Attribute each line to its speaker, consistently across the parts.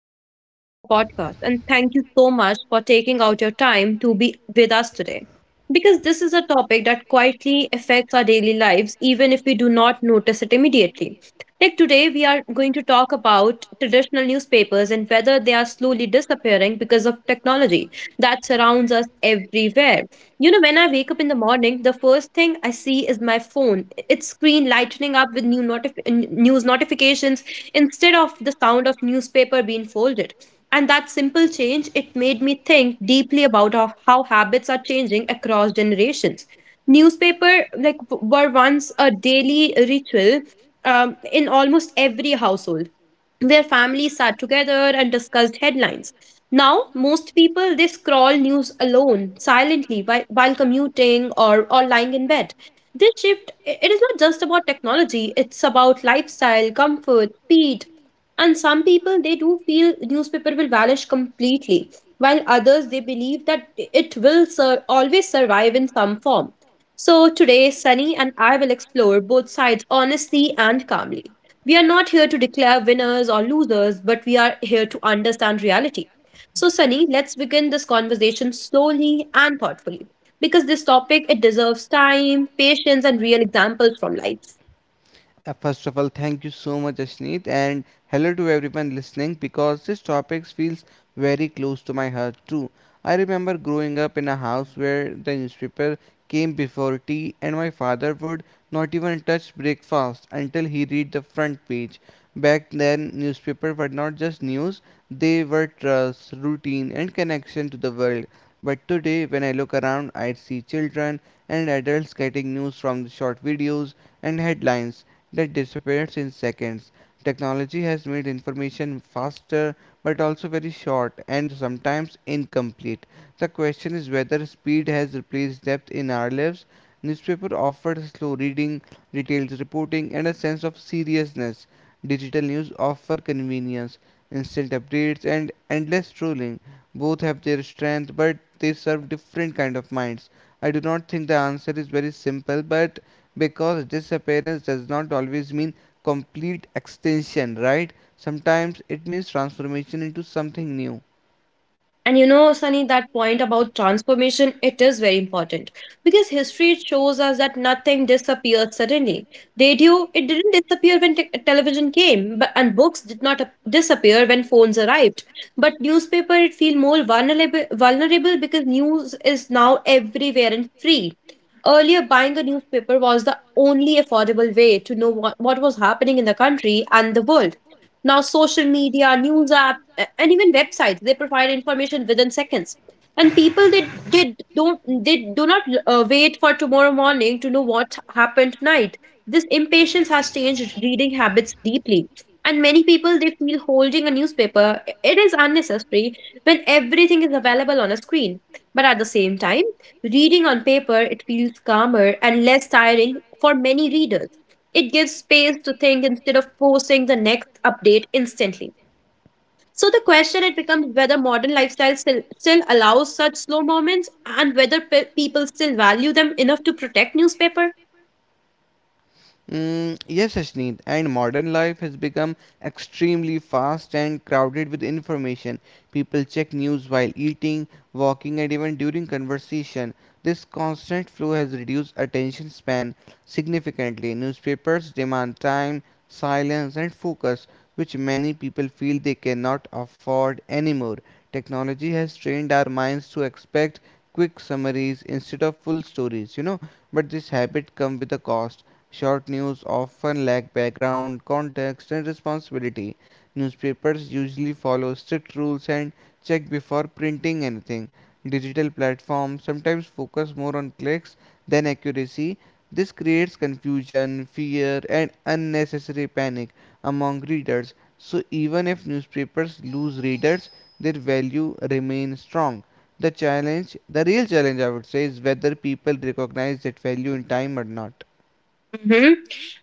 Speaker 1: Welcome to our podcast and thank you so much for taking out your time to be with us today. Because this is a topic that quietly affects our daily lives, even if we do not notice it immediately. Like today, we are going to talk about traditional newspapers and whether they are slowly disappearing because of technology that surrounds us everywhere. When I wake up in the morning, the first thing I see is my phone, its screen lightening up with new news notifications instead of the sound of newspaper being folded. And that simple change, it made me think deeply about how habits are changing across generations. Newspaper like were once a daily ritual in almost every household where families sat together and discussed headlines. Now, most people they scroll news alone, silently, while commuting or lying in bed. This shift, it is not just about technology, it's about lifestyle, comfort, speed. And some people, they do feel newspaper will vanish completely, while others, they believe that it will always survive in some form. So today, Sunny and I will explore both sides honestly and calmly. We are not here to declare winners or losers, but we are here to understand reality. So, Sunny, let's begin this conversation slowly and thoughtfully because this topic it deserves time, patience and real examples from life.
Speaker 2: First of all, thank you so much, Ashneet, and hello to everyone listening because this topic feels very close to my heart too. I remember growing up in a house where the newspaper came before tea, and my father would not even touch breakfast until he read the front page. Back then, newspapers were not just news; they were trust, routine, and connection to the world. But today, when I look around, I see children and adults getting news from the short videos and headlines that disappears in seconds. Technology has made information faster but also very short and sometimes incomplete. The question is whether speed has replaced depth in our lives. Newspaper offered slow reading, detailed reporting, and a sense of seriousness. Digital news offer convenience, instant updates, and endless scrolling. Both have their strength, but they serve different kind of minds. I do not think the answer is very simple, but because disappearance does not always mean complete extinction, right? Sometimes it means transformation into something new.
Speaker 1: And you know, Sunny, that point about transformation, it is very important because history it shows us that nothing disappears suddenly. Radio, it didn't disappear when television came, but and books did not disappear when phones arrived. But newspaper, it feel more vulnerable, vulnerable because news is now everywhere and free. Earlier, buying a newspaper was the only affordable way to know what was happening in the country and the world. Now, social media, news apps and even websites they provide information within seconds and people they don't they do not wait for tomorrow morning to know what happened tonight. This impatience has changed reading habits deeply, and many people they feel holding a newspaper it is unnecessary when everything is available on a screen. But at the same time, reading on paper it feels calmer and less tiring for many readers. It gives space to think instead of forcing the next update instantly. So the question it becomes whether modern lifestyle still allows such slow moments and whether people still value them enough to protect newspaper.
Speaker 2: Mm, yes, Ashneet, and modern life has become extremely fast and crowded with information. People check news while eating, walking, and even during conversation. This constant flow has reduced attention span significantly. Newspapers demand time, silence, and focus, which many people feel they cannot afford anymore. Technology has trained our minds to expect quick summaries instead of full stories, but this habit comes with a cost. Short news often lack background, context, and responsibility. Newspapers usually follow strict rules and check before printing anything. Digital platforms sometimes focus more on clicks than accuracy. This creates confusion, fear, and unnecessary panic among readers. So, even if newspapers lose readers, their value remains strong. The challenge, the real challenge, I would say, is whether people recognize that value in time or not.
Speaker 1: hmm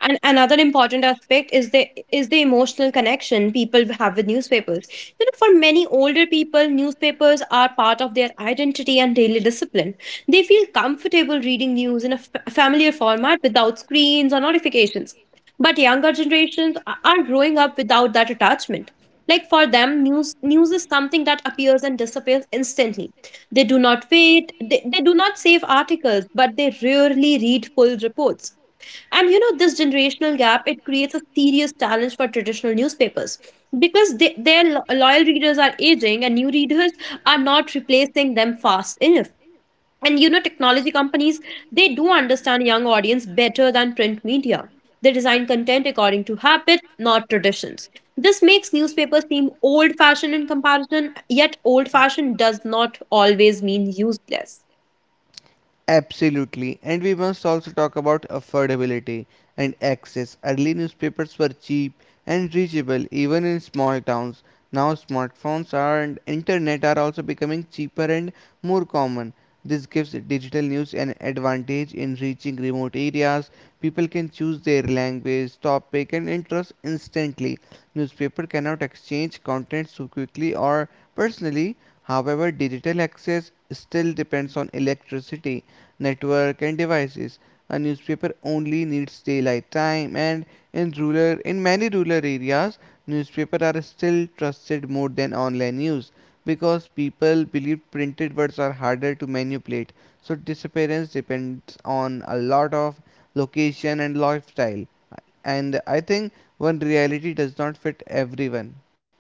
Speaker 1: And another important aspect is the emotional connection people have with newspapers. You know, for many older people, newspapers are part of their identity and daily discipline. They feel comfortable reading news in a familiar format without screens or notifications. But younger generations are growing up without that attachment. Like for them, news is something that appears and disappears instantly. They do not wait, they do not save articles, but they rarely read full reports. And you know, this generational gap, it creates a serious challenge for traditional newspapers because their loyal readers are aging and new readers are not replacing them fast enough. And you know, technology companies, they do understand young audience better than print media. They design content according to habit, not traditions. This makes newspapers seem old fashioned in comparison, yet old fashioned does not always mean useless.
Speaker 2: Absolutely. And we must also talk about affordability and access. Early newspapers were cheap and reachable even in small towns. Now smartphones are, and internet are also becoming cheaper and more common. This gives digital news an advantage in reaching remote areas. People can choose their language, topic and interest instantly. Newspaper cannot exchange content so quickly or personally. However, digital access still depends on electricity network, and devices. A newspaper only needs daylight time, and in many rural areas, newspapers are still trusted more than online news because people believe printed words are harder to manipulate. So disappearance depends on a lot of location and lifestyle. And I think one reality does not fit everyone.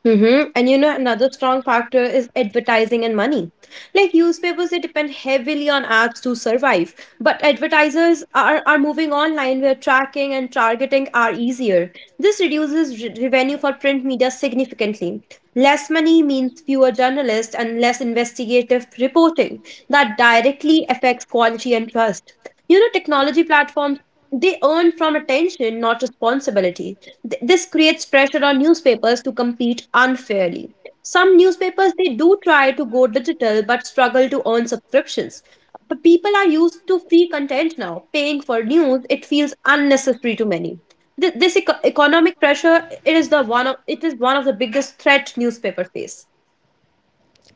Speaker 1: Mm-hmm. And you know, another strong factor is advertising and money. Like newspapers, they depend heavily on ads to survive. But advertisers are moving online where tracking and targeting are easier. This reduces revenue for print media significantly. Less money means fewer journalists and less investigative reporting. That directly affects quality and trust. You know, technology platforms, they earn from attention, not responsibility. This creates pressure on newspapers to compete unfairly. Some newspapers they do try to go digital but struggle to earn subscriptions. But people are used to free content now. Paying for news it feels unnecessary to many. This economic pressure it is the one of it is one of the biggest threat newspaper face.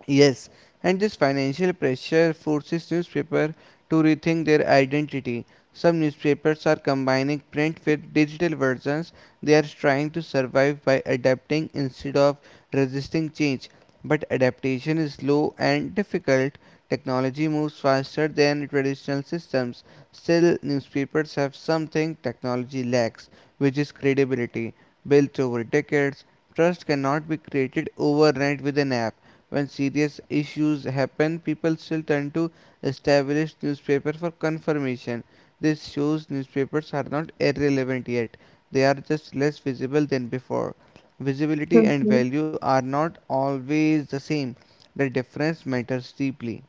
Speaker 2: Yes, and this financial pressure forces newspapers to rethink their identity. Some newspapers are combining print with digital versions. They are trying to survive by adapting instead of resisting change. But adaptation is slow and difficult. Technology moves faster than traditional systems. Still, newspapers have something technology lacks, which is credibility, built over decades. Trust cannot be created overnight with an app when serious issues happen, people still turn to established newspaper for confirmation. This shows newspapers are not irrelevant yet. They are just less visible than before. Visibility and
Speaker 1: Mhm.
Speaker 2: value are not always the same. The difference matters deeply.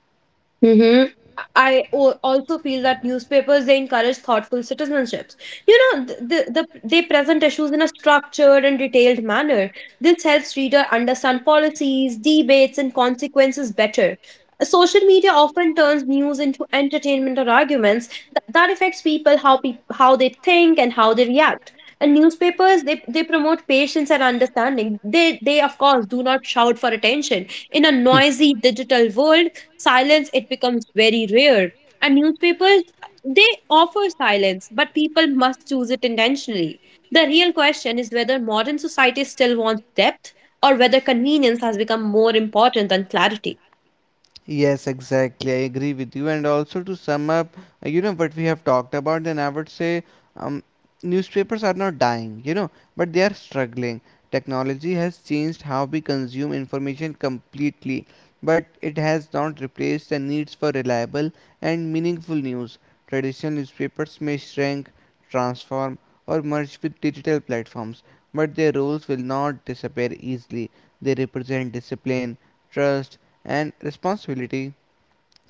Speaker 1: Mm-hmm. I also feel that newspapers they encourage thoughtful citizenships. You know, they present issues in a structured and detailed manner. This helps reader understand policies, debates, and consequences better. Social media often turns news into entertainment or arguments. That affects people how they think and how they react. And newspapers they promote patience and understanding. They of course do not shout for attention. In a noisy digital world, silence it becomes very rare, and newspapers they offer silence but people must choose it intentionally. The real question is whether modern society still wants depth or whether convenience has become more important than clarity.
Speaker 2: Yes, exactly. I agree with you. And also to sum up, you know what we have talked about, then I would say um, newspapers are not dying, but they are struggling. Technology has changed how we consume information completely, but it has not replaced the needs for reliable and meaningful news. Traditional newspapers may shrink, transform, or merge with digital platforms, but their roles will not disappear easily. They represent discipline, trust, and responsibility.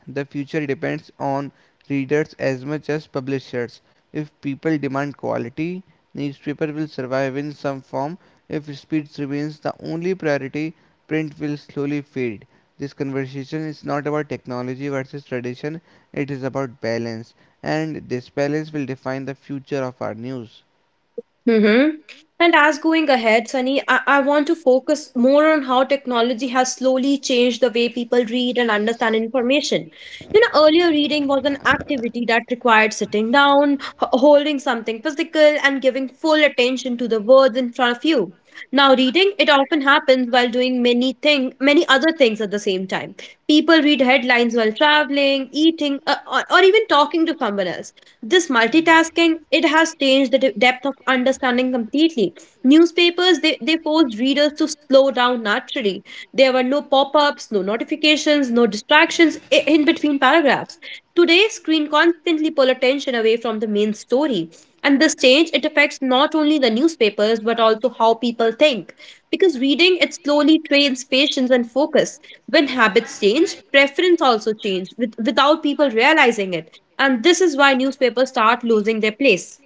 Speaker 2: The future depends on readers as much as publishers. If people demand quality, newspaper will survive in some form. If speed remains the only priority, print will slowly fade. This conversation is not about technology versus tradition, it is about balance, and this balance will define the future of our news.
Speaker 1: Mm-hmm. And as going ahead, Sunny, I want to focus more on how technology has slowly changed the way people read and understand information. You know, earlier reading was an activity that required sitting down, holding something physical, and giving full attention to the words in front of you. Now, reading, it often happens while doing many other things at the same time. People read headlines while traveling, eating, or even talking to someone else. This multitasking, it has changed the depth of understanding completely. Newspapers, they forced readers to slow down naturally. There were no pop-ups, no notifications, no distractions in between paragraphs. Today, screen constantly pull attention away from the main story. And this change, it affects not only the newspapers, but also how people think. Because reading, it slowly trains patience and focus. When habits change, preference also change without people realizing it. And this is why newspapers start losing their place.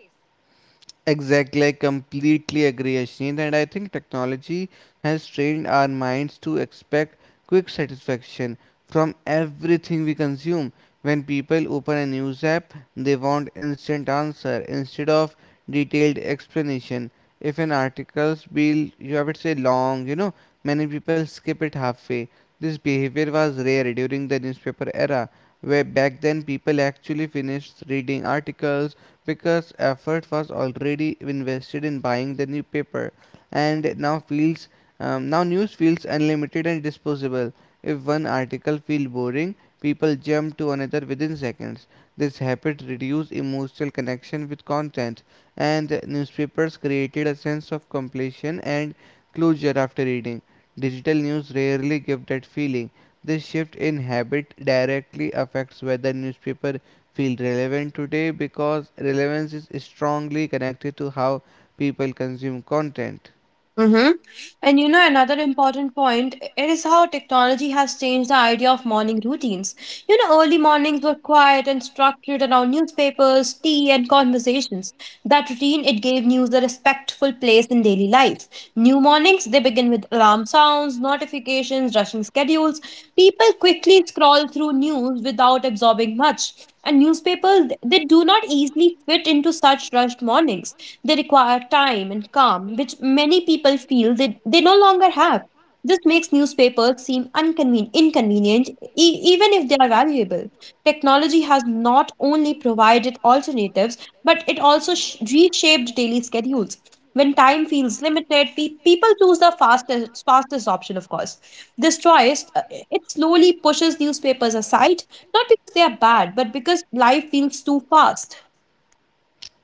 Speaker 2: Exactly, I completely agree, Ashneet, and I think technology has trained our minds to expect quick satisfaction from everything we consume. When people open a news app, they want instant answer instead of detailed explanation. If an article's be, I would say, long, many people skip it halfway. This behavior was rare during the newspaper era, where back then people actually finished reading articles because effort was already invested in buying the newspaper and it now feels now news feels unlimited and disposable. If one article feels boring, people jump to another within seconds. This habit reduced emotional connection with content, and newspapers created a sense of completion and closure after reading. Digital news rarely give that feeling. This shift in habit directly affects whether newspaper feel relevant today because relevance is strongly connected to how people consume content.
Speaker 1: Mm-hmm. And you know, another important point it is how technology has changed the idea of morning routines. You know, early mornings were quiet and structured around newspapers, tea, and conversations. That routine it gave news a respectful place in daily life. New mornings they begin with alarm sounds, notifications, rushing schedules. People quickly scroll through news without absorbing much. And newspapers they do not easily fit into such rushed mornings. They require time and calm, which many people feel they no longer have. This makes newspapers seem inconvenient, even if they are valuable. Technology has not only provided alternatives, but it also reshaped daily schedules. When time feels limited, people choose the fastest option, of course. This choice, it slowly pushes newspapers aside, not because they are bad, but because life feels too fast.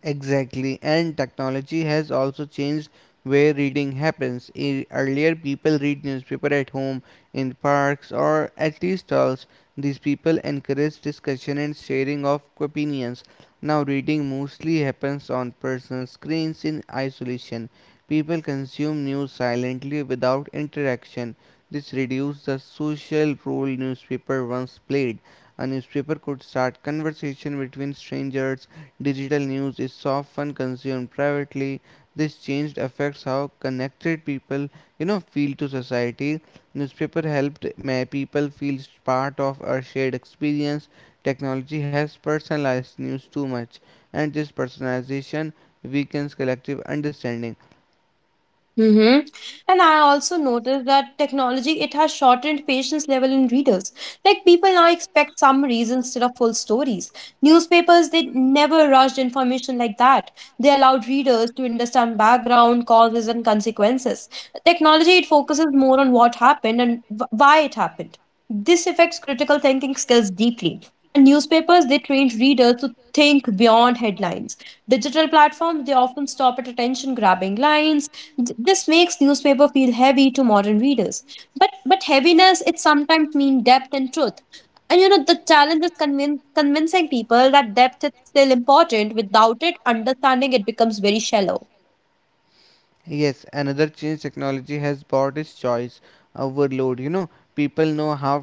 Speaker 2: Exactly, and technology has also changed where reading happens. Earlier, people read newspaper at home, in parks, or at tea stalls. These people encourage discussion and sharing of opinions. Now, reading mostly happens on personal screens in isolation. People consume news silently without interaction. This reduces the social role newspaper once played. A newspaper could start conversation between strangers. Digital news is often consumed privately. This change affects how connected people, feel to society. Newspaper helped people feel part of a shared experience. Technology has personalized news too much, and this personalization weakens collective understanding.
Speaker 1: Mm-hmm. And I also noticed that technology it has shortened patience level in readers. Like people now expect summaries instead of full stories. Newspapers they never rushed information like that. They allowed readers to understand background, causes, and consequences. Technology it focuses more on what happened and why it happened. This affects critical thinking skills deeply. And newspapers they trained readers to think beyond headlines. Digital platforms they often stop at attention grabbing lines. This makes newspaper feel heavy to modern readers. But heaviness it sometimes means depth and truth. And you know the challenge is convincing people that depth is still important. Without it, understanding it becomes very shallow.
Speaker 2: Yes, another change technology has brought is choice overload. You know, people now have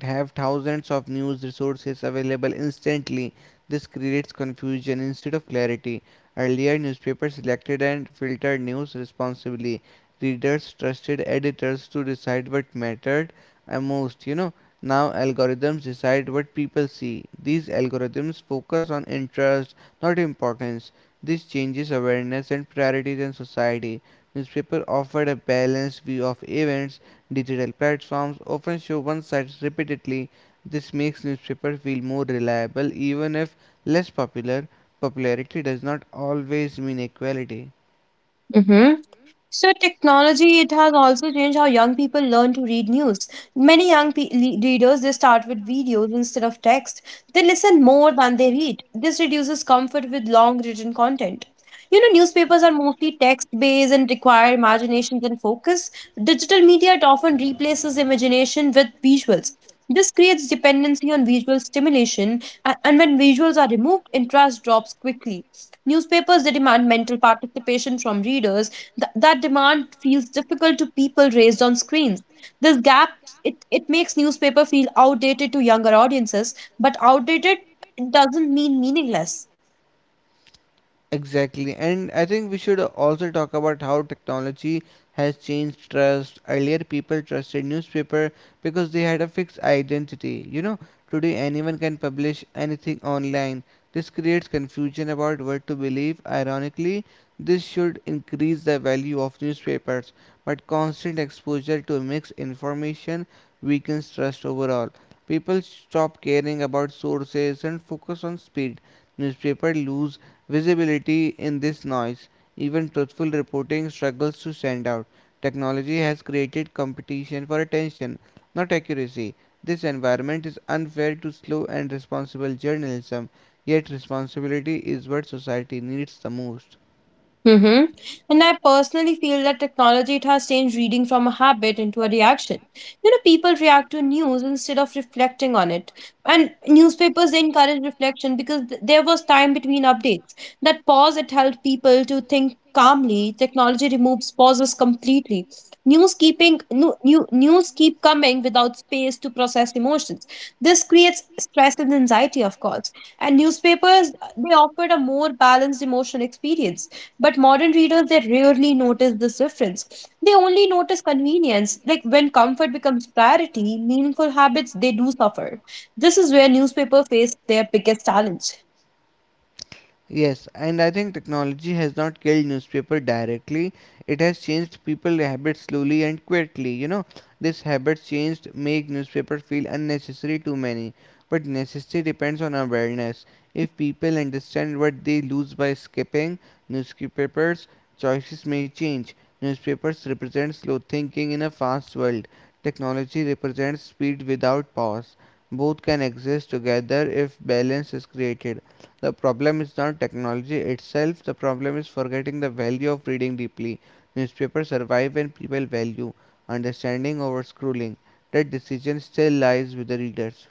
Speaker 2: have thousands of news resources available instantly. This creates confusion instead of clarity. Earlier, newspapers selected and filtered news responsibly. Readers trusted editors to decide what mattered most. You know, now algorithms decide what people see. These algorithms focus on interest, not importance. This changes awareness and priorities in society. Newspapers offered a balanced view of events. Digital platforms often show one side repeatedly. This makes newspapers feel more reliable even if less popular. Popularity does not always mean equality.
Speaker 1: So technology, it has also changed how young people learn to read news. Many young readers, they start with videos instead of text. They listen more than they read. This reduces comfort with long written content. You know, newspapers are mostly text-based and require imagination and focus. Digital media, it often replaces imagination with visuals. This creates dependency on visual stimulation, and when visuals are removed, interest drops quickly. Newspapers, they demand mental participation from readers. That demand feels difficult to people raised on screens. This gap it makes newspaper feel outdated to younger audiences, but outdated doesn't mean meaningless.
Speaker 2: Exactly, and I think we should also talk about how technology has changed trust. Earlier, people trusted newspaper because they had a fixed identity. You know, today anyone can publish anything online. This creates confusion about what to believe. Ironically, this should increase the value of newspapers, but constant exposure to mixed information weakens trust overall. People stop caring about sources and focus on speed. Newspapers lose visibility in this noise. Even truthful reporting struggles to stand out. Technology has created competition for attention, not accuracy. This environment is unfair to slow and responsible journalism, yet, responsibility is what society needs the most.
Speaker 1: Mm-hmm. And I personally feel that technology it has changed reading from a habit into a reaction. You know, people react to news instead of reflecting on it. And newspapers they encourage reflection because there was time between updates. That pause it helped people to think calmly. Technology removes pauses completely. New news keep coming without space to process emotions. This creates stress and anxiety, of course. And newspapers they offered a more balanced emotional experience, but modern readers, they, rarely notice this difference. They only notice convenience. Like when comfort becomes priority, meaningful habits, they do suffer. This is where newspaper face their biggest challenge.
Speaker 2: Yes, and I think technology has not killed newspaper directly. It has changed people habits slowly and quickly. You know, this habit changed make newspaper feel unnecessary to many. But necessity depends on awareness. If people understand what they lose by skipping newspapers, choices may change. Newspapers represent slow thinking in a fast world. Technology represents speed without pause. Both can exist together if balance is created. The problem is not technology itself, the problem is forgetting the value of reading deeply. Newspapers survive when people value understanding over scrolling. That decision still lies with the readers.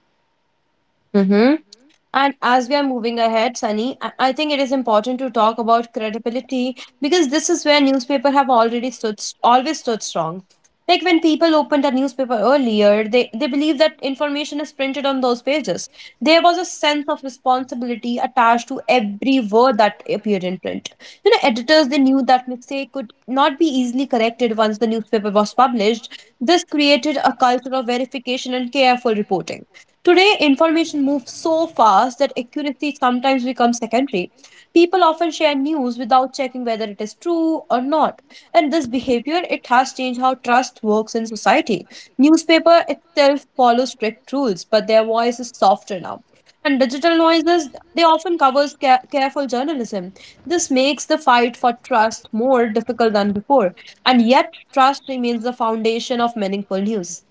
Speaker 1: And as we are moving ahead, Sunny, I think it is important to talk about credibility because this is where newspaper have already stood always stood strong. Like when people opened a newspaper earlier, they believed that information is printed on those pages. There was a sense of responsibility attached to every word that appeared in print. You know, editors they knew that mistake could not be easily corrected once the newspaper was published. This created a culture of verification and careful reporting. Today, information moves so fast that accuracy sometimes becomes secondary. People often share news without checking whether it is true or not. And this behavior, it has changed how trust works in society. Newspaper itself follows strict rules, but their voice is softer now. And digital noises, they often covers careful journalism. This makes the fight for trust more difficult than before. And yet, trust remains the foundation of meaningful news.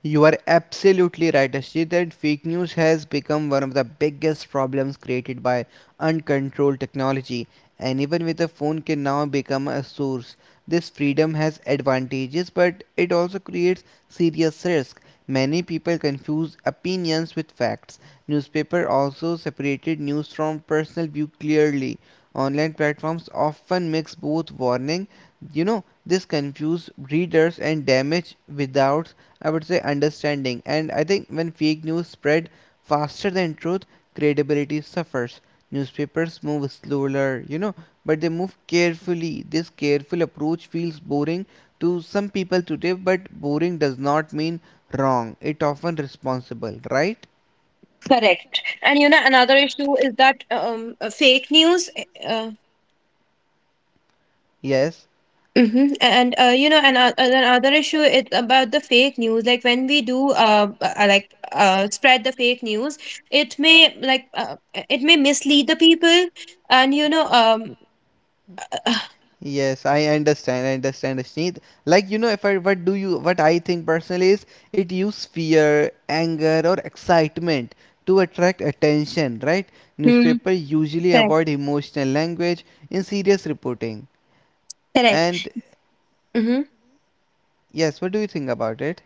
Speaker 2: You are absolutely right, Ashjit, that fake news has become one of the biggest problems created by uncontrolled technology. Anyone with a phone can now become a source. This freedom has advantages, but it also creates serious risk. Many people confuse opinions with facts. Newspaper also separated news from personal view clearly. Online platforms often mix both warning, this confuse readers and damage without I would say understanding. And I think when fake news spread faster than truth, credibility suffers. Newspapers move slower, but they move carefully. This careful approach feels boring to some people today, but boring does not mean wrong. It often responsible, right?
Speaker 1: Correct. And you know, another issue is that fake news.
Speaker 2: Yes.
Speaker 1: Mhm. And you know, and another issue is about the fake news. Like when we do spread the fake news, it may it may mislead the people. And you know,
Speaker 2: I understand, Sneed. Like you know, if I what do you what I think personally is it use fear, anger, or excitement to attract attention, right?
Speaker 1: Hmm.
Speaker 2: Newspaper usually
Speaker 1: Correct,
Speaker 2: avoid emotional language in serious reporting.
Speaker 1: correct.
Speaker 2: And
Speaker 1: Mhm.
Speaker 2: yes, what do you think about it?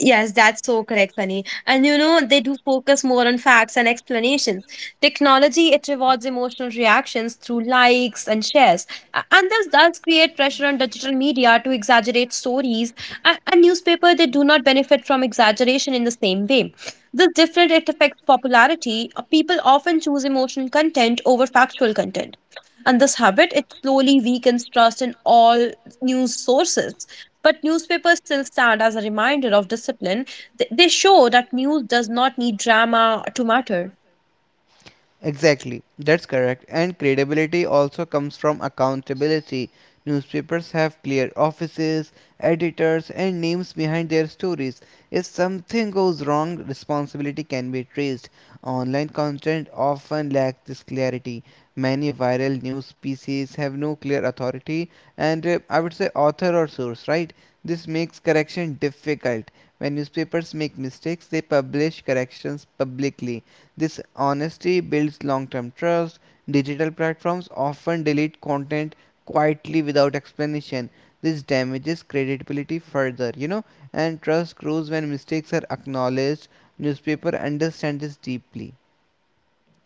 Speaker 1: Yes, that's so correct, Sunny. And you know, they do focus more on facts and explanations. Technology, it rewards emotional reactions through likes and shares. And this does create pressure on digital media to exaggerate stories. And newspaper, they do not benefit from exaggeration in the same way. This different it affects popularity. People often choose emotional content over factual content. And this habit, it slowly weakens trust in all news sources. But newspapers still stand as a reminder of discipline. They show that news does not need drama to matter.
Speaker 2: Exactly, that's correct. And credibility also comes from accountability. Newspapers have clear offices, editors, and names behind their stories. If something goes wrong, responsibility can be traced. Online content often lacks this clarity. Many viral news pieces have no clear authority and I would say author or source, right? This makes correction difficult. When newspapers make mistakes, they publish corrections publicly. This honesty builds long term trust. Digital platforms often delete content quietly without explanation. This damages credibility further, and trust grows when mistakes are acknowledged. Newspapers understand this deeply.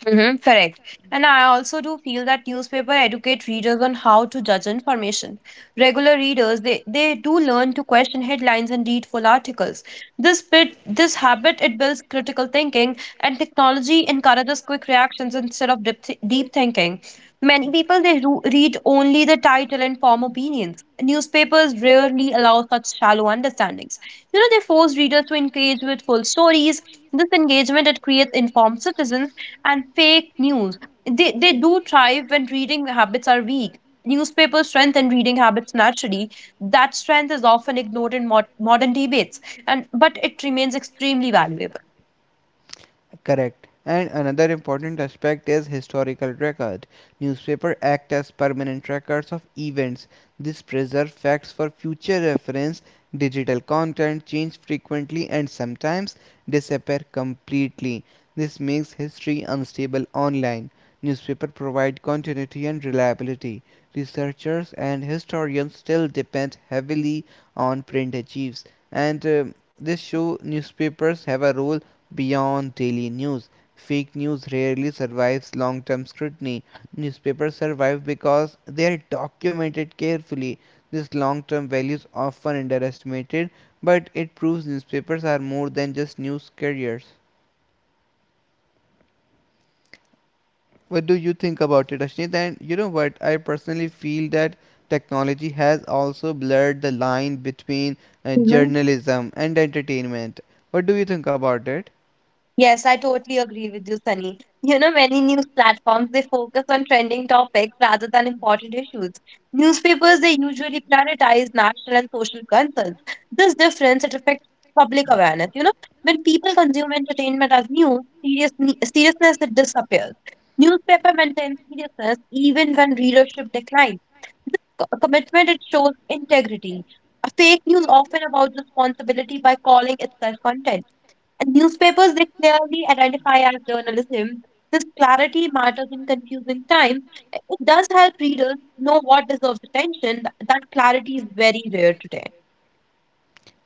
Speaker 1: Hmm. Correct. And I also do feel that newspaper educate readers on how to judge information. Regular readers, they do learn to question headlines and read full articles. This bit this habit it builds critical thinking, and technology encourages quick reactions instead of deep thinking. Many people they read only the title and form opinions. Newspapers rarely allow such shallow understandings. You know, they force readers to engage with full stories. This engagement it creates informed citizens, and fake news, they do thrive when reading habits are weak. Newspapers strengthen reading habits naturally. That strength is often ignored in modern debates, and but it remains extremely valuable.
Speaker 2: Correct. And another important aspect is historical record. Newspapers act as permanent records of events. This preserves facts for future reference. Digital content changes frequently and sometimes disappear completely. This makes history unstable online. Newspapers provide continuity and reliability. Researchers and historians still depend heavily on print archives, and this show newspapers have a role beyond daily news. Fake news rarely survives long term scrutiny. Newspapers survive because they are documented carefully. This long term value is often underestimated, but it proves newspapers are more than just news carriers.
Speaker 1: Mm-hmm. Technology it has also blurred the
Speaker 2: What do
Speaker 1: line
Speaker 2: you think
Speaker 1: between.
Speaker 2: about it, Ashnit? And you know what? I personally feel that technology has also blurred the line between journalism and entertainment. What do you think about it?
Speaker 1: Yes, I totally agree with you, Sunny. You know, many news platforms they focus on trending topics rather than important issues. Newspapers they usually prioritize national and social concerns. This difference it affects public awareness. You know, when people consume entertainment as news, seriousness it disappears. Newspaper maintains seriousness even when readership declines. This commitment it shows integrity. Fake news often about responsibility by calling itself content, and newspapers they clearly identify as journalism. This clarity matters in confusing times. It does help readers know what deserves attention. That clarity is very rare today.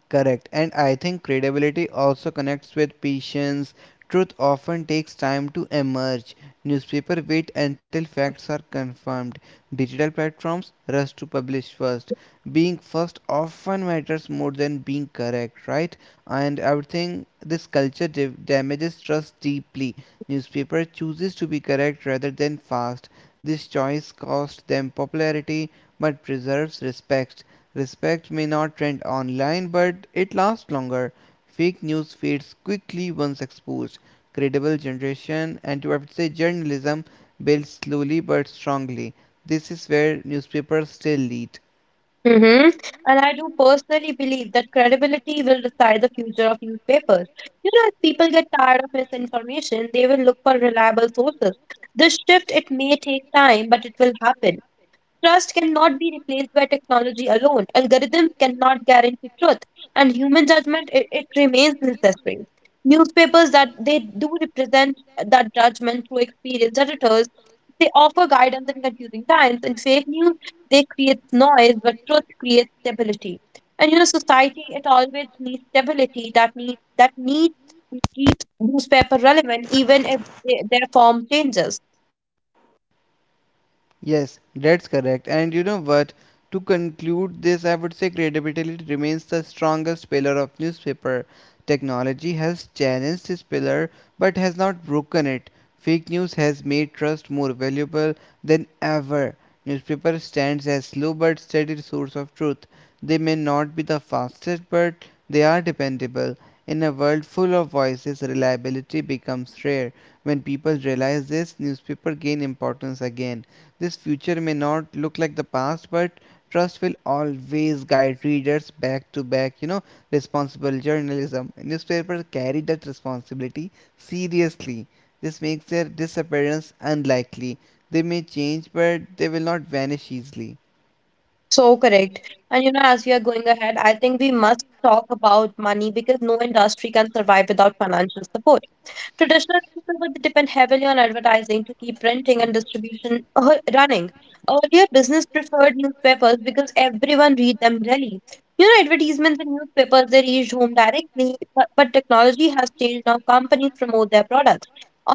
Speaker 2: Correct. And I think credibility also connects with patience. Truth often takes time to emerge. Newspaper wait until facts are confirmed. Digital platforms rush to publish first. Being first often matters more than being correct, right? And I would think this culture damages trust deeply. Newspaper chooses to be correct rather than fast. This choice costs them popularity but preserves respect. Respect may not trend online, but it lasts longer. Fake news fades quickly once exposed. Credible generation and to I would say journalism builds slowly but strongly. This is where newspapers still lead.
Speaker 1: Hmm. And I do personally believe that credibility will decide the future of newspapers. You know, if people get tired of misinformation, they will look for reliable sources. This shift, it may take time, but it will happen. Trust cannot be replaced by technology alone. Algorithm cannot guarantee truth, and human judgment it remains necessary. Newspapers that they do represent that judgment through experienced editors. They offer guidance in confusing times. In fake news, they create noise, but truth creates stability. And you know, society it always needs stability. That need keeps newspaper relevant, even if they, their form changes.
Speaker 2: Yes, that's correct. And you know what? To conclude this, I would say credibility remains the strongest pillar of newspaper. Technology has challenged this pillar but has not broken it. Fake news has made trust more valuable than ever. Newspaper stands as slow but steady source of truth. They may not be the fastest, but they are dependable. In a world full of voices, reliability becomes rare. When people realize this, newspaper gain importance again this future may not look like the past, but trust will always guide readers back to back, you know, responsible journalism. Newspapers carry that responsibility seriously. This makes their disappearance unlikely. They may change, but they will not vanish easily.
Speaker 1: So correct. And you know, as we are going ahead, I think we must talk about money because no industry can survive without financial support. Traditional newspapers would depend heavily on advertising to keep printing and distribution running. Earlier, business preferred newspapers because everyone read them daily. You know, advertisements in newspapers they reach home directly, but technology has changed now. Companies promote their products.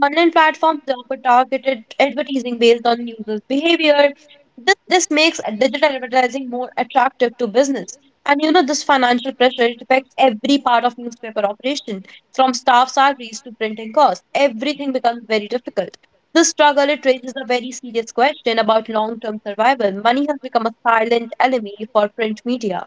Speaker 1: Online platforms offer targeted advertising based on users' behavior. This makes digital advertising more attractive to business. And you know, this financial pressure it affects every part of newspaper operation. From staff salaries to printing costs, everything becomes very difficult. This struggle it raises a very serious question about long-term survival. Money has become a silent enemy for print media.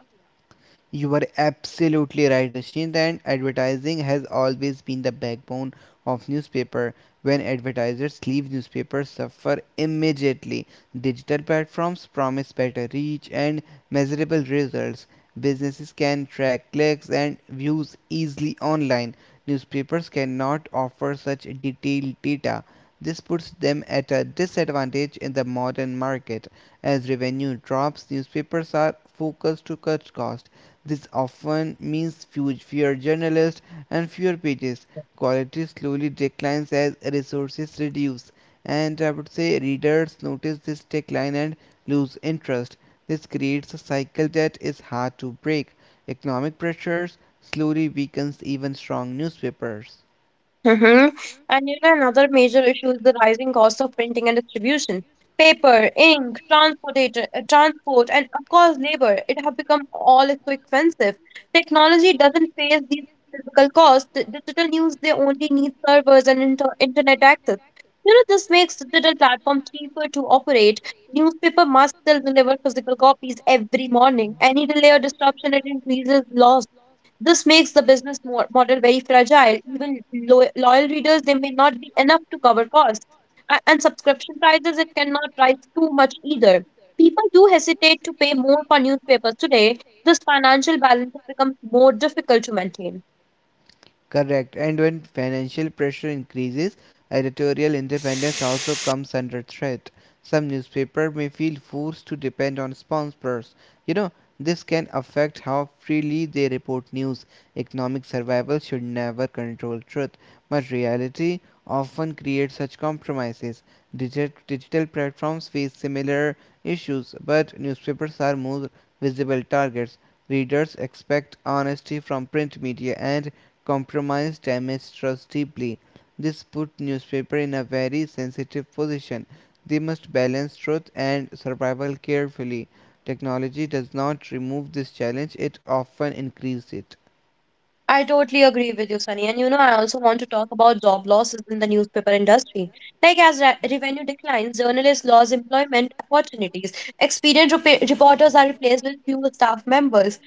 Speaker 2: You are absolutely right, Ashint, and advertising has always been the backbone of newspaper. When advertisers leave, newspapers suffer immediately. Digital platforms promise better reach and measurable results. Businesses can track clicks and views easily online. Newspapers cannot offer such detailed data. This puts them at a disadvantage in the modern market. As revenue drops, newspapers are focused to cut costs. This often means fewer journalists and fewer pages. Quality slowly declines as resources reduce, and I would say readers notice this decline and lose interest. This creates a cycle that is hard to break. Economic pressures slowly weakens even strong newspapers.
Speaker 1: Hmm. And you know, another major issue is the rising cost of printing and distribution. Paper, ink, transportation, transport, and of course, labor. It have become all so expensive. Technology doesn't face these physical costs. Digital news, they only need servers and internet access. You know, this makes digital platform cheaper to operate. Newspaper must still deliver physical copies every morning. Any delay or disruption, it increases loss. This makes the business model very fragile. Even loyal readers, they may not be enough to cover costs. And subscription prices, it cannot rise too much either. People do hesitate to pay more for newspapers today. This financial balance has become more difficult to maintain.
Speaker 2: Correct. And when financial pressure increases, editorial independence also comes under threat. Some newspapers may feel forced to depend on sponsors. You know, this can affect how freely they report news. Economic survival should never control truth, but reality often creates such compromises. Digital platforms face similar issues, but newspapers are more visible targets. Readers expect honesty from print media, and compromise damaged trust deeply. This put newspaper in a very sensitive position. They must balance truth and survival carefully. Technology does not remove this challenge, it often increases it.
Speaker 1: I totally agree with you, Sunny. And you know, I also want to talk about job losses in the newspaper industry. Like as revenue declines, journalists lose employment opportunities. Experienced reporters are replaced with fewer staff members.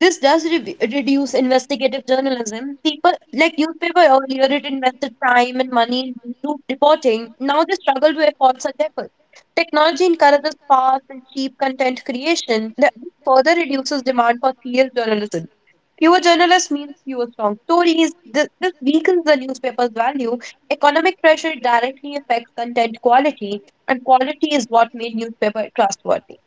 Speaker 1: This does reduce investigative journalism. People like newspaper earlier it invested time and money in group reporting. Now they struggle to afford such efforts. Technology encourages fast and cheap content creation that further reduces demand for serious journalism. Fewer journalists means fewer strong stories. This weakens the newspaper's value. Economic pressure directly affects content quality, and quality is what made newspaper trustworthy.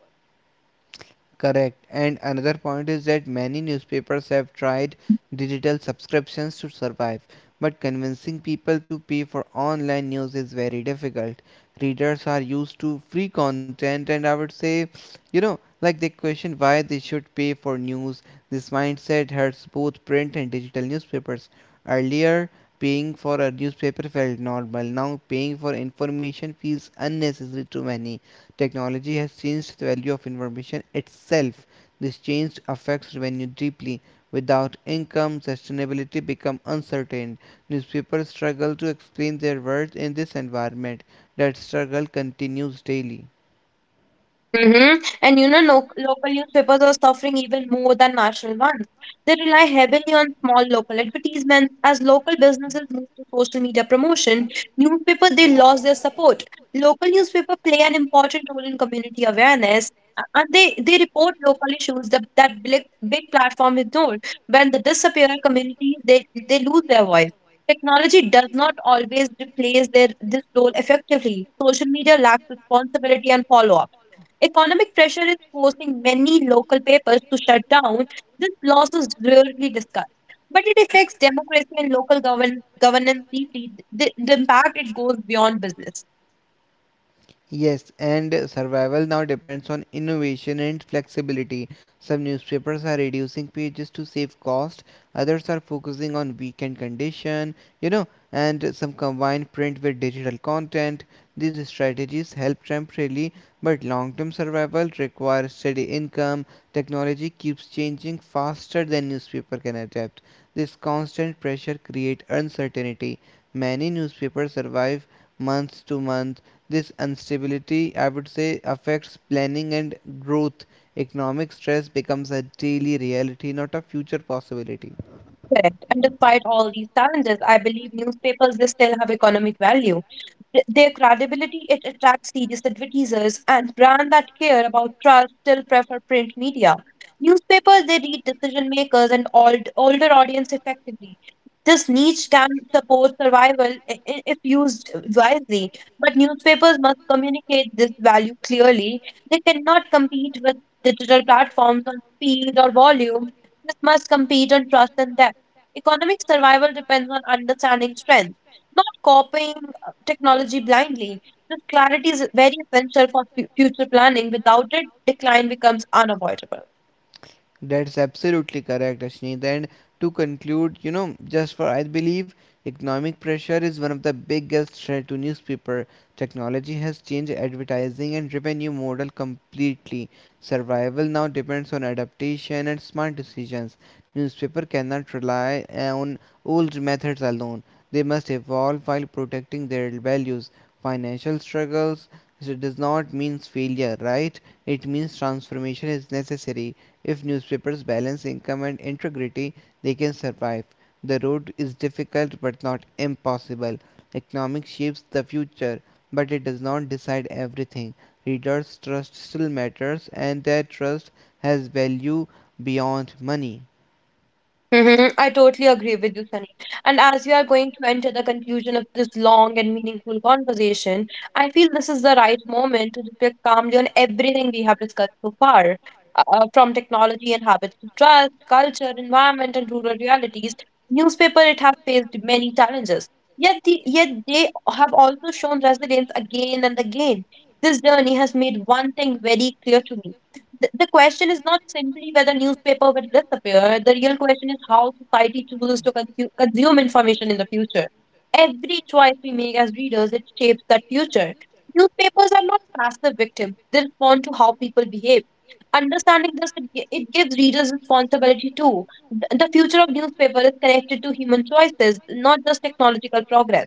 Speaker 2: Correct. And another point is that many newspapers have tried digital subscriptions to survive, but convincing people to pay for online news is very difficult. Readers are used to free content, and I would say, you know, like they question why they should pay for news. This mindset hurts both print and digital newspapers. Earlier, paying for a newspaper felt normal. Now, paying for information feels unnecessary to many technology has changed the value of information itself. This change affects revenue deeply. Without income, sustainability become uncertain. Newspapers struggle to explain their worth in this environment. That struggle continues daily.
Speaker 1: Mm-hmm. And you know, no, local newspapers are suffering even more than national ones. They rely heavily on small local advertisements. As local businesses move to social media promotion, newspaper they lost their support. Local newspaper play an important role in community awareness, and they report local issues that big platform ignored. When they disappear, communities they lose their voice. Technology does not always replace their this role effectively. Social media lacks responsibility and follow up. Economic pressure is forcing many local papers to shut down. This loss is rarely discussed, but it affects democracy and local governance deeply. The impact it goes beyond business.
Speaker 2: Yes, and survival now depends on innovation and flexibility. Some newspapers are reducing pages to save cost, others are focusing on weekend condition, you know, and some combine print with digital content. These strategies help temporarily, but long-term survival requires steady income. Technology keeps changing faster than newspaper can adapt. This constant pressure creates uncertainty. Many newspapers survive month to month this instability, I would say, affects planning and growth. Economic stress becomes a daily reality, not a future possibility.
Speaker 1: Correct. And despite all these challenges, I believe newspapers they still have economic value. Their credibility it attracts serious advertisers, and brands that care about trust still prefer print media. Newspapers they reach decision makers and old, older audience effectively. This niche can support survival if used wisely, but newspapers must communicate this value clearly. They cannot compete with digital platforms on speed or volume. This must compete on trust and depth. Economic survival depends on understanding strength, not copying technology blindly. This clarity is very essential for future planning. Without it, decline becomes unavoidable.
Speaker 2: That's absolutely correct, Ashneet. And to conclude, you know, just for I believe economic pressure is one of the biggest threat to newspaper. Technology has changed advertising and revenue model completely. Survival now depends on adaptation and smart decisions. Newspaper cannot rely on old methods alone. They must evolve while protecting their values. Financial struggles so it does not mean failure, right? It means transformation is necessary if newspapers balance income and integrity, they can survive. The road is difficult but not impossible. Economics shapes the future, but it does not decide everything. Readers' trust still matters, and their trust has value beyond money.
Speaker 1: Mm-hmm. I totally agree with you, Sunny. And as we are going to enter the conclusion of this long and meaningful conversation, I feel this is the right moment to reflect calmly on everything we have discussed so far, from technology and habits to trust, culture, environment, and rural realities. Newspaper it has faced many challenges, yet they have also shown resilience again and again. This journey has made one thing very clear to me. The question is not simply whether newspaper will disappear. The real question is how society chooses to consume information in the future. Every choice we make as readers, it shapes that future. Newspapers are not passive victims. They respond to how people behave. Understanding this, it gives readers responsibility too. The future of newspaper is connected to human choices, not just technological progress.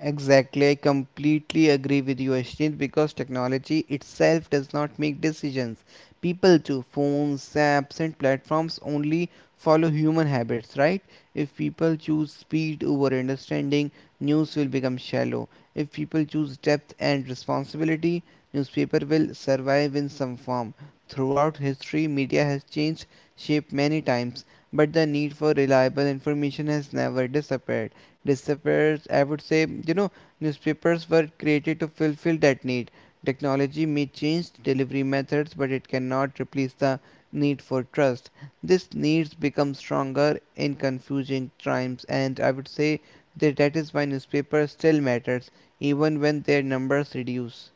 Speaker 2: Exactly, I completely agree with you, Ashneet, because technology itself does not make decisions. People do. Phones, apps, and platforms only follow human habits, right? If people choose speed over understanding, news will become shallow. If people choose depth and responsibility, newspaper will survive in some form. Throughout history, media has changed shape many times, but the need for reliable information has never disappeared disappears. I would say, you know, newspapers were created to fulfill that need. Technology may change delivery methods, but it cannot replace the need for trust. This needs become stronger in confusing times, and I would say that is why newspapers still matters, even when their numbers reduce.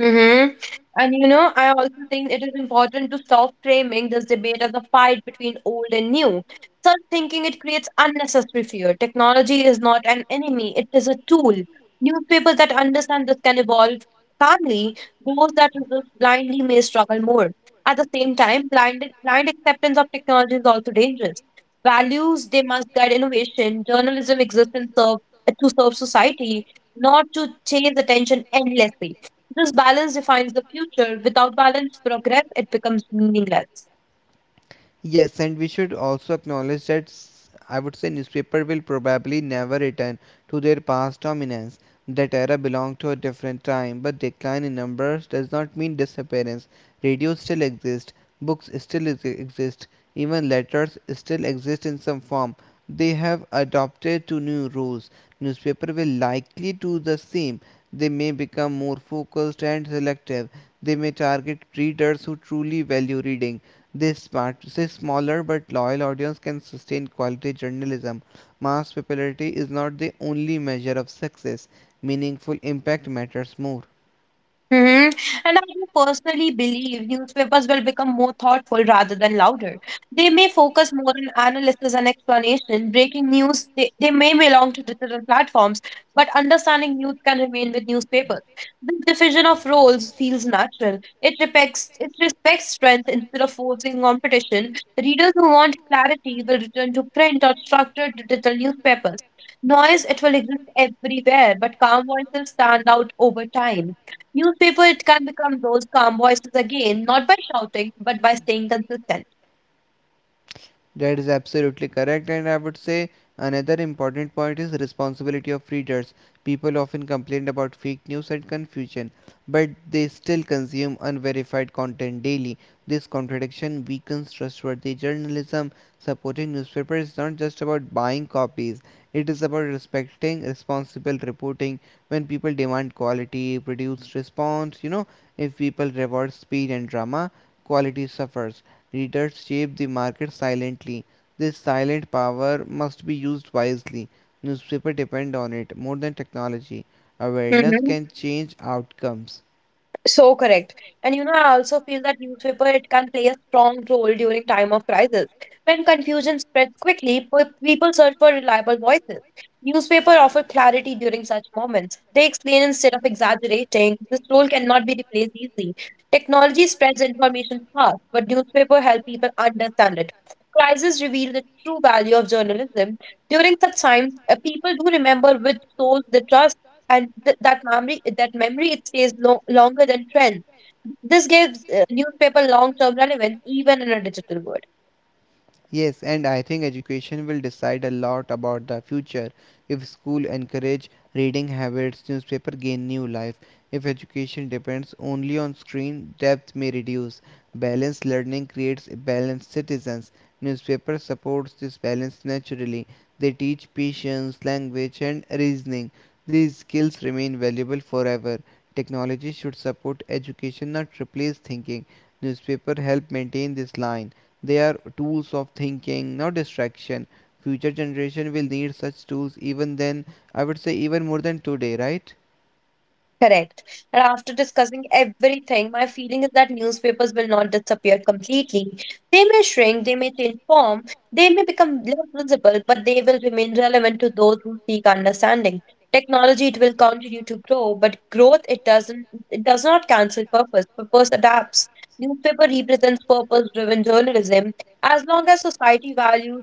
Speaker 1: Mm-hmm. And you know, I also think it is important to stop framing this debate as a fight between old and new. Such thinking it creates unnecessary fear. Technology is not an enemy, it is a tool. Newspapers that understand this can evolve calmly. Those that resist blindly may struggle more. At the same time, blind acceptance of technology is also dangerous. Values, they must guide innovation. Journalism exists in serve, to serve society, not to chase attention endlessly. This balance defines the future. Without balanced progress, it becomes meaningless.
Speaker 2: Yes, and we should also acknowledge that I would say newspaper will probably never return to their past dominance. That era belonged to a different time, but decline in numbers does not mean disappearance. Radio still exists, books still exist, even letters still exist in some form. They have adopted to new rules. Newspaper will likely do the same. They may become more focused and selective. They may target readers who truly value reading this part this smaller but loyal audience can sustain quality journalism. Mass popularity is not the only measure of success. Meaningful impact matters more.
Speaker 1: Hmm. And I do personally believe newspapers will become more thoughtful rather than louder. They may focus more on analysis and explanation. Breaking news, they may belong to digital platforms, but understanding news can remain with newspapers. This division of roles feels natural. It respects strength instead of forcing competition. Readers who want clarity will return to print or structured digital newspapers. Noise, it will exist everywhere, but calm voices stand out over time. Newspaper it can become those calm voices again, not by shouting, but by staying consistent.
Speaker 2: That is absolutely correct, and I would say another important point is responsibility of readers. People often complain about fake news and confusion, but they still consume unverified content daily. This contradiction weakens trustworthy journalism. Supporting newspapers is not just about buying copies, it is about respecting responsible reporting. When people demand quality, produce response, you know, if people reward speed and drama, quality suffers readers shape the market silently. This silent power must be used wisely. Newspapers depend on it more than technology. Awareness
Speaker 1: Mhm.
Speaker 2: can change outcomes.
Speaker 1: So correct. And you know, I also feel that newspaper it can play a strong role during time of crisis. When confusion spreads quickly, people search for reliable voices. Newspaper offer clarity during such moments. They explain instead of exaggerating. This role cannot be replaced easily. Technology spreads information fast, but newspaper help people understand it. Crises reveal the true value of journalism. During such time, people do remember which source they trust, and that memory it stays longer than trends. This gives newspaper long term relevance even in a digital world.
Speaker 2: Yes, and I think education will decide a lot about the future. If school encourage reading habits, newspaper gain new life. If education depends only on screen, depth may reduce. Balanced learning creates balanced citizens. Newspaper supports this balance naturally. They teach patience, language, and reasoning. These skills remain valuable forever. Technology should support education, not replace thinking. Newspaper help maintain this line. They are tools of thinking, not distraction. Future generation will need such tools even then, I would say even more than today, right?
Speaker 1: Correct. And after discussing everything, my feeling is that newspapers will not disappear completely. They may shrink, they may change form, they may become less visible, but they will remain relevant to those who seek understanding. Technology, it will continue to grow, but growth, it doesn't, it does not cancel purpose. Purpose adapts. Newspaper represents purpose-driven journalism. As long as society values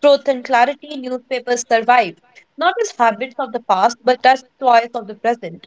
Speaker 1: truth and clarity, newspapers survive, not as habits of the past, but as choice of the present.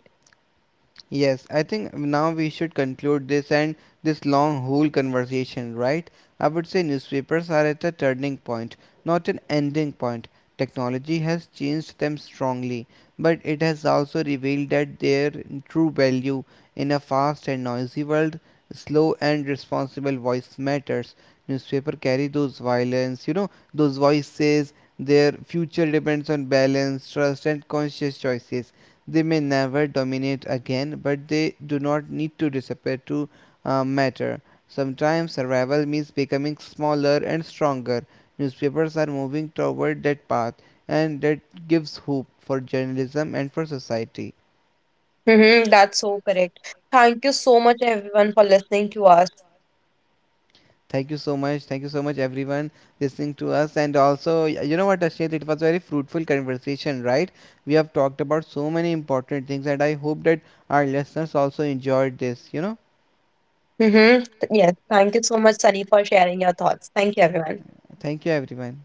Speaker 2: Yes, I think now we should conclude this and this long whole conversation, right? I would say newspapers are at a turning point, not an ending point. Technology has changed them strongly, but it has also revealed that their true value in a fast and noisy world, slow and responsible voice matters. Newspaper carry those violence, you know, those voices. Their future depends on balance, trust, and conscious choices they may never dominate again, but they do not need to disappear to matter. Sometimes survival means becoming smaller and stronger. Newspapers are moving toward that path, and that gives hope for journalism and for society.
Speaker 1: Mm-hmm, that's so correct. Thank you so much, everyone, for listening to us.
Speaker 2: Thank you so much. Thank you so much, everyone, listening to us. And also, you know what, Ashit, it was a very fruitful conversation, right? We have talked about so many important things, and I hope that our listeners also enjoyed this. You know,
Speaker 1: Mm-hmm. Yes, thank you so much, Sunny, for sharing your thoughts. Thank you, everyone.
Speaker 2: thank you, everyone.